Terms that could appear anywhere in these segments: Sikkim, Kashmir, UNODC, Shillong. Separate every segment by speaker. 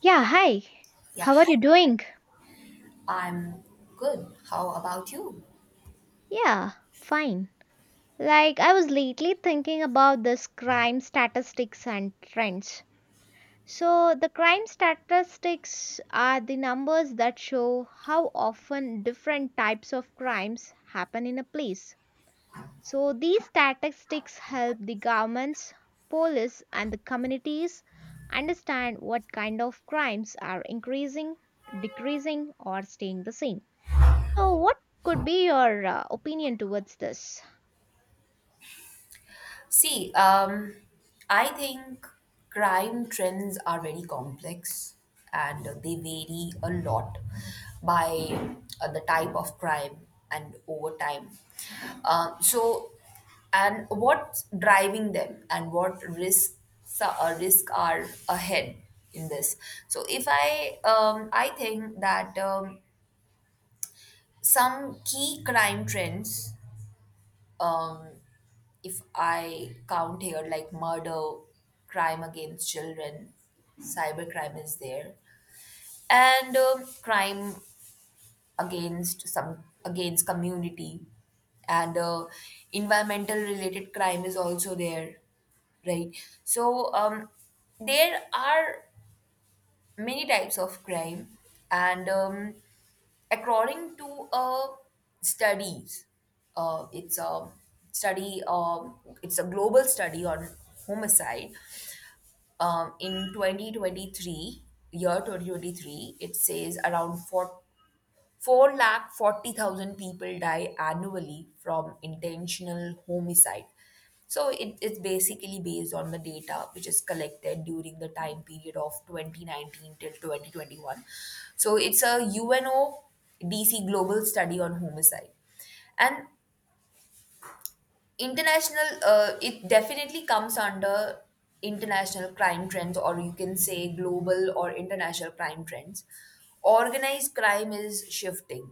Speaker 1: Yeah, hi.
Speaker 2: Yeah,
Speaker 1: How are
Speaker 2: hi.
Speaker 1: you doing?
Speaker 2: I'm good. How about you?
Speaker 1: Yeah, fine. Like, I was lately thinking about this crime statistics and trends. So, the crime statistics are the numbers that show how often different types of crimes happen in a place. So, these statistics help the governments, police, and the communities understand what kind of crimes are increasing, decreasing, or staying the same. So, what could be your opinion towards this?
Speaker 2: See, I think crime trends are very complex and they vary a lot by the type of crime and over time. So, and what's driving them and what risks risk are ahead in this. So, if I, I think that some key crime trends, um, if I count here, like murder, crime against children, cybercrime is there, and crime against some against community, and environmental related crime is also there, right? So, there are many types of crime, and according to studies it's a study it's a global study on homicide, in 2023, year 2023, it says around 40 440,000 people die annually from intentional homicide. So it's basically based on the data which is collected during the time period of 2019 till 2021. So it's a UNO DC global study on homicide. And international, it definitely comes under international crime trends, or you can say global or international crime trends. Organized crime is shifting.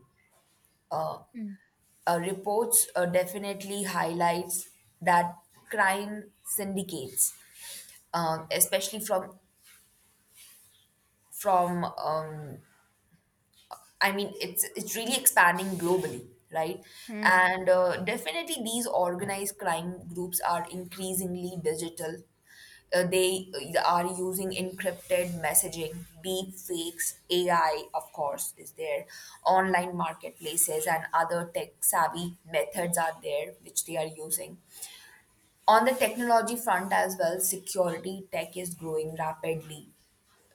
Speaker 2: Uh,
Speaker 1: Mm,
Speaker 2: reports definitely highlights that crime syndicates, especially from I mean it's really expanding globally, right?
Speaker 1: mm,
Speaker 2: And definitely these organized crime groups are increasingly digital. They are using encrypted messaging, deep fakes, AI, of course, is there, online marketplaces, and other tech savvy methods are there which they are using. On the technology front as well, security tech is growing rapidly.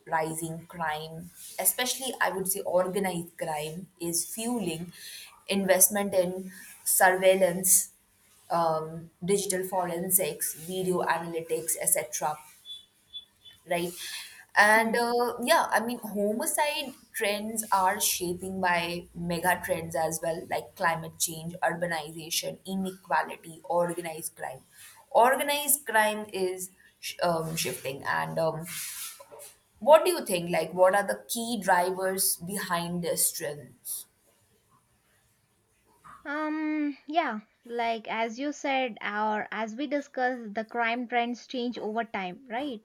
Speaker 2: Rising crime, especially I would say organized crime, is fueling investment in surveillance, digital forensics, video analytics, etc., right. And,
Speaker 1: mm.
Speaker 2: yeah, I mean homicide trends are shaping by mega trends as well, like climate change, urbanization, inequality, organized crime. Organized crime is shifting, and what do you think, like what are the key drivers behind this trends?
Speaker 1: Yeah, like as you said, or as we discussed, the crime trends change over time, right?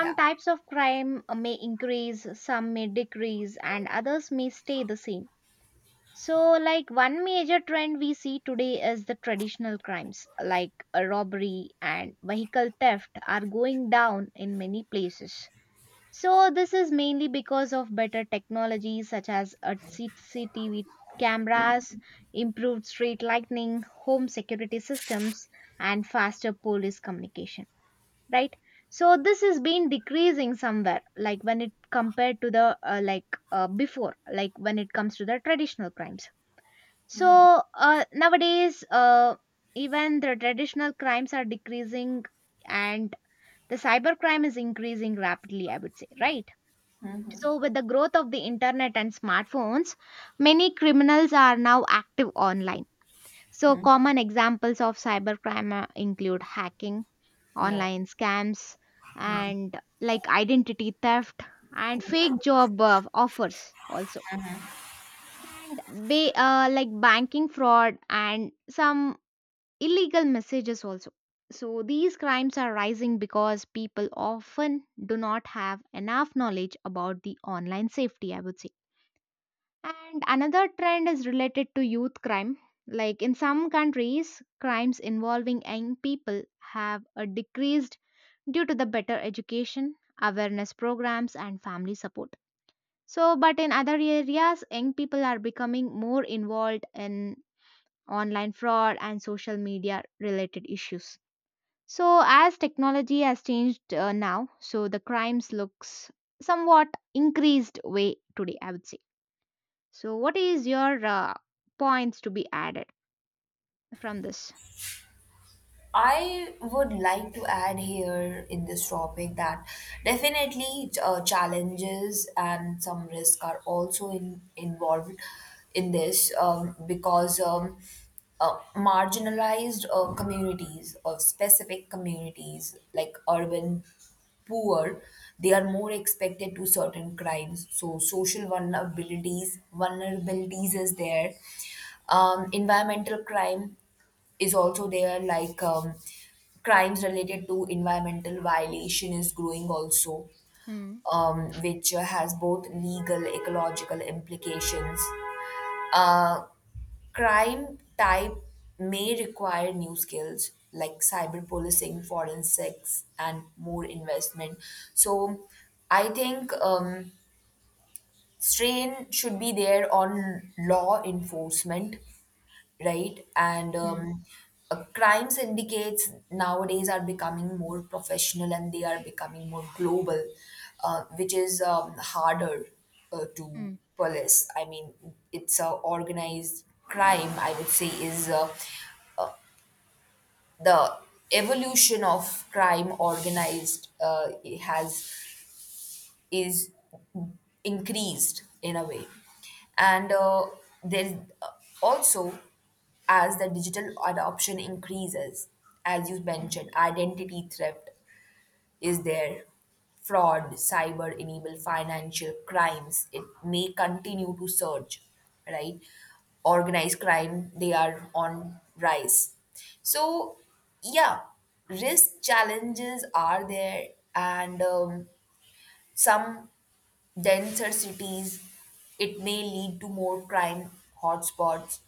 Speaker 2: Yeah.
Speaker 1: types of crime may increase, some may decrease, and others may stay the same. So, like one major trend we see today is the traditional crimes, like robbery and vehicle theft, are going down in many places. So this is mainly because of better technologies such as CCTV cameras, improved street lighting, home security systems, and faster police communication. Right. So this has been decreasing somewhere, like when it compared to the before, like when it comes to the traditional crimes. So nowadays, even the traditional crimes are decreasing, and the cybercrime is increasing rapidly. I would say, right? So, with the growth of the internet and smartphones, many criminals are now active online. So, common examples of cybercrime include hacking,
Speaker 2: Yeah.
Speaker 1: online scams, and like identity theft and fake job offers also. And like banking fraud and some illegal messages also. So, these crimes are rising because people often do not have enough knowledge about the online safety, I would say. And another trend is related to youth crime. Like in some countries, crimes involving young people have decreased due to the better education, awareness programs, and family support. So, but in other areas, young people are becoming more involved in online fraud and social media related issues. So, as technology has changed now, so the crimes looks somewhat increased way today, I would say. So, what is your points to be added from this?
Speaker 2: I would like to add here in this topic that definitely challenges and some risk are also involved in this, because marginalized communities or specific communities like urban poor. They are more expected to certain crimes, so social vulnerabilities is there. Environmental crime is also there, like crimes related to environmental violation is growing also,
Speaker 1: Mm,
Speaker 2: which has both legal ecological implications. Uh, crime type may require new skills, like cyber policing forensics, and more investment. So I think, strain should be there on law enforcement, right? And
Speaker 1: mm,
Speaker 2: um, uh, crime syndicates nowadays are becoming more professional and they are becoming more global, which is harder to
Speaker 1: mm.
Speaker 2: police. I mean, it's a organized crime. I would say is the evolution of crime organized, it has is increased in a way. And there's, uh, also, as the digital adoption increases, as you mentioned, identity theft is there, fraud, cyber enable financial crimes, it may continue to surge, right? Organized crime, they are on rise. So, yeah, risk challenges are there, and some denser cities, it may lead to more crime hotspots.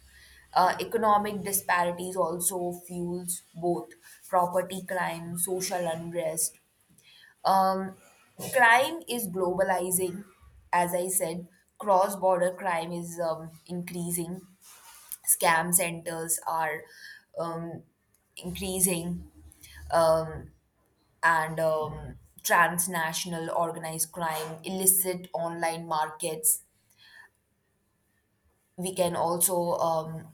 Speaker 2: Economic disparities also fuels both property crime, social unrest. Um, crime is globalizing, as I said. Cross border crime is increasing. Scam centers are um, increasing. Um, and transnational organized crime, illicit online markets. We can also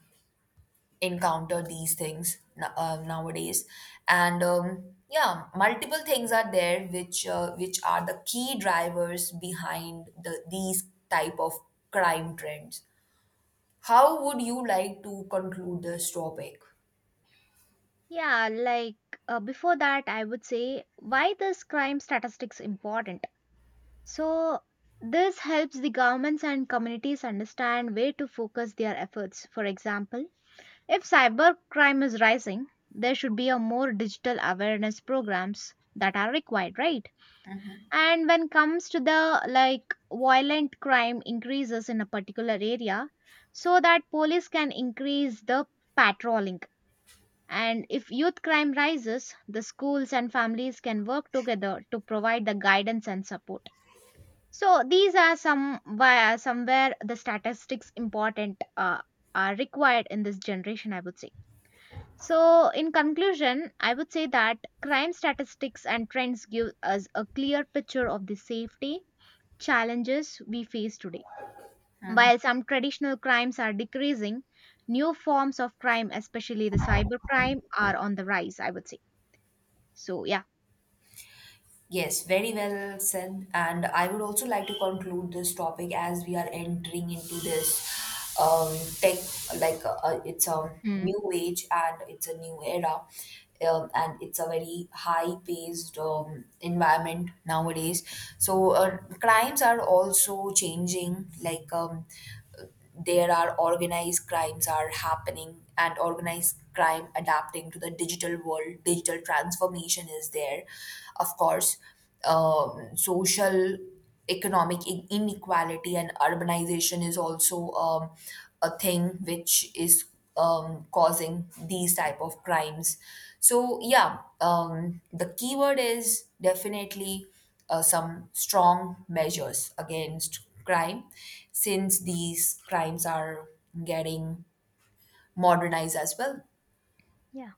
Speaker 2: encounter these things nowadays, and yeah, multiple things are there which which are the key drivers behind the these type of crime trends. How would you like to conclude this topic?
Speaker 1: Yeah, like before that, I would say why this crime statistics important. So this helps the governments and communities understand where to focus their efforts. For example, if cybercrime is rising, there should be a more digital awareness programs that are required, right? And when comes to the like violent crime increases in a particular area, so that police can increase the patrolling. And if youth crime rises, the schools and families can work together to provide the guidance and support. So these are some where somewhere the statistics important are required in this generation, I would say. So, in conclusion, I would say that crime statistics and trends give us a clear picture of the safety challenges we face today. While some traditional crimes are decreasing, new forms of crime, especially the cybercrime, are on the rise, I would say. So, yeah.
Speaker 2: Yes, very well said. And I would also like to conclude this topic as we are entering into this, um, tech, like it's a
Speaker 1: Hmm.
Speaker 2: new age and it's a new era, and it's a very high-paced environment nowadays. So, crimes are also changing, like there are organized crimes are happening and organized crime adapting to the digital world. Digital transformation is there, of course. Social economic inequality and urbanization is also a thing which is causing these type of crimes. So yeah, the keyword is definitely some strong measures against crime, since these crimes are getting modernized as well.
Speaker 1: Yeah.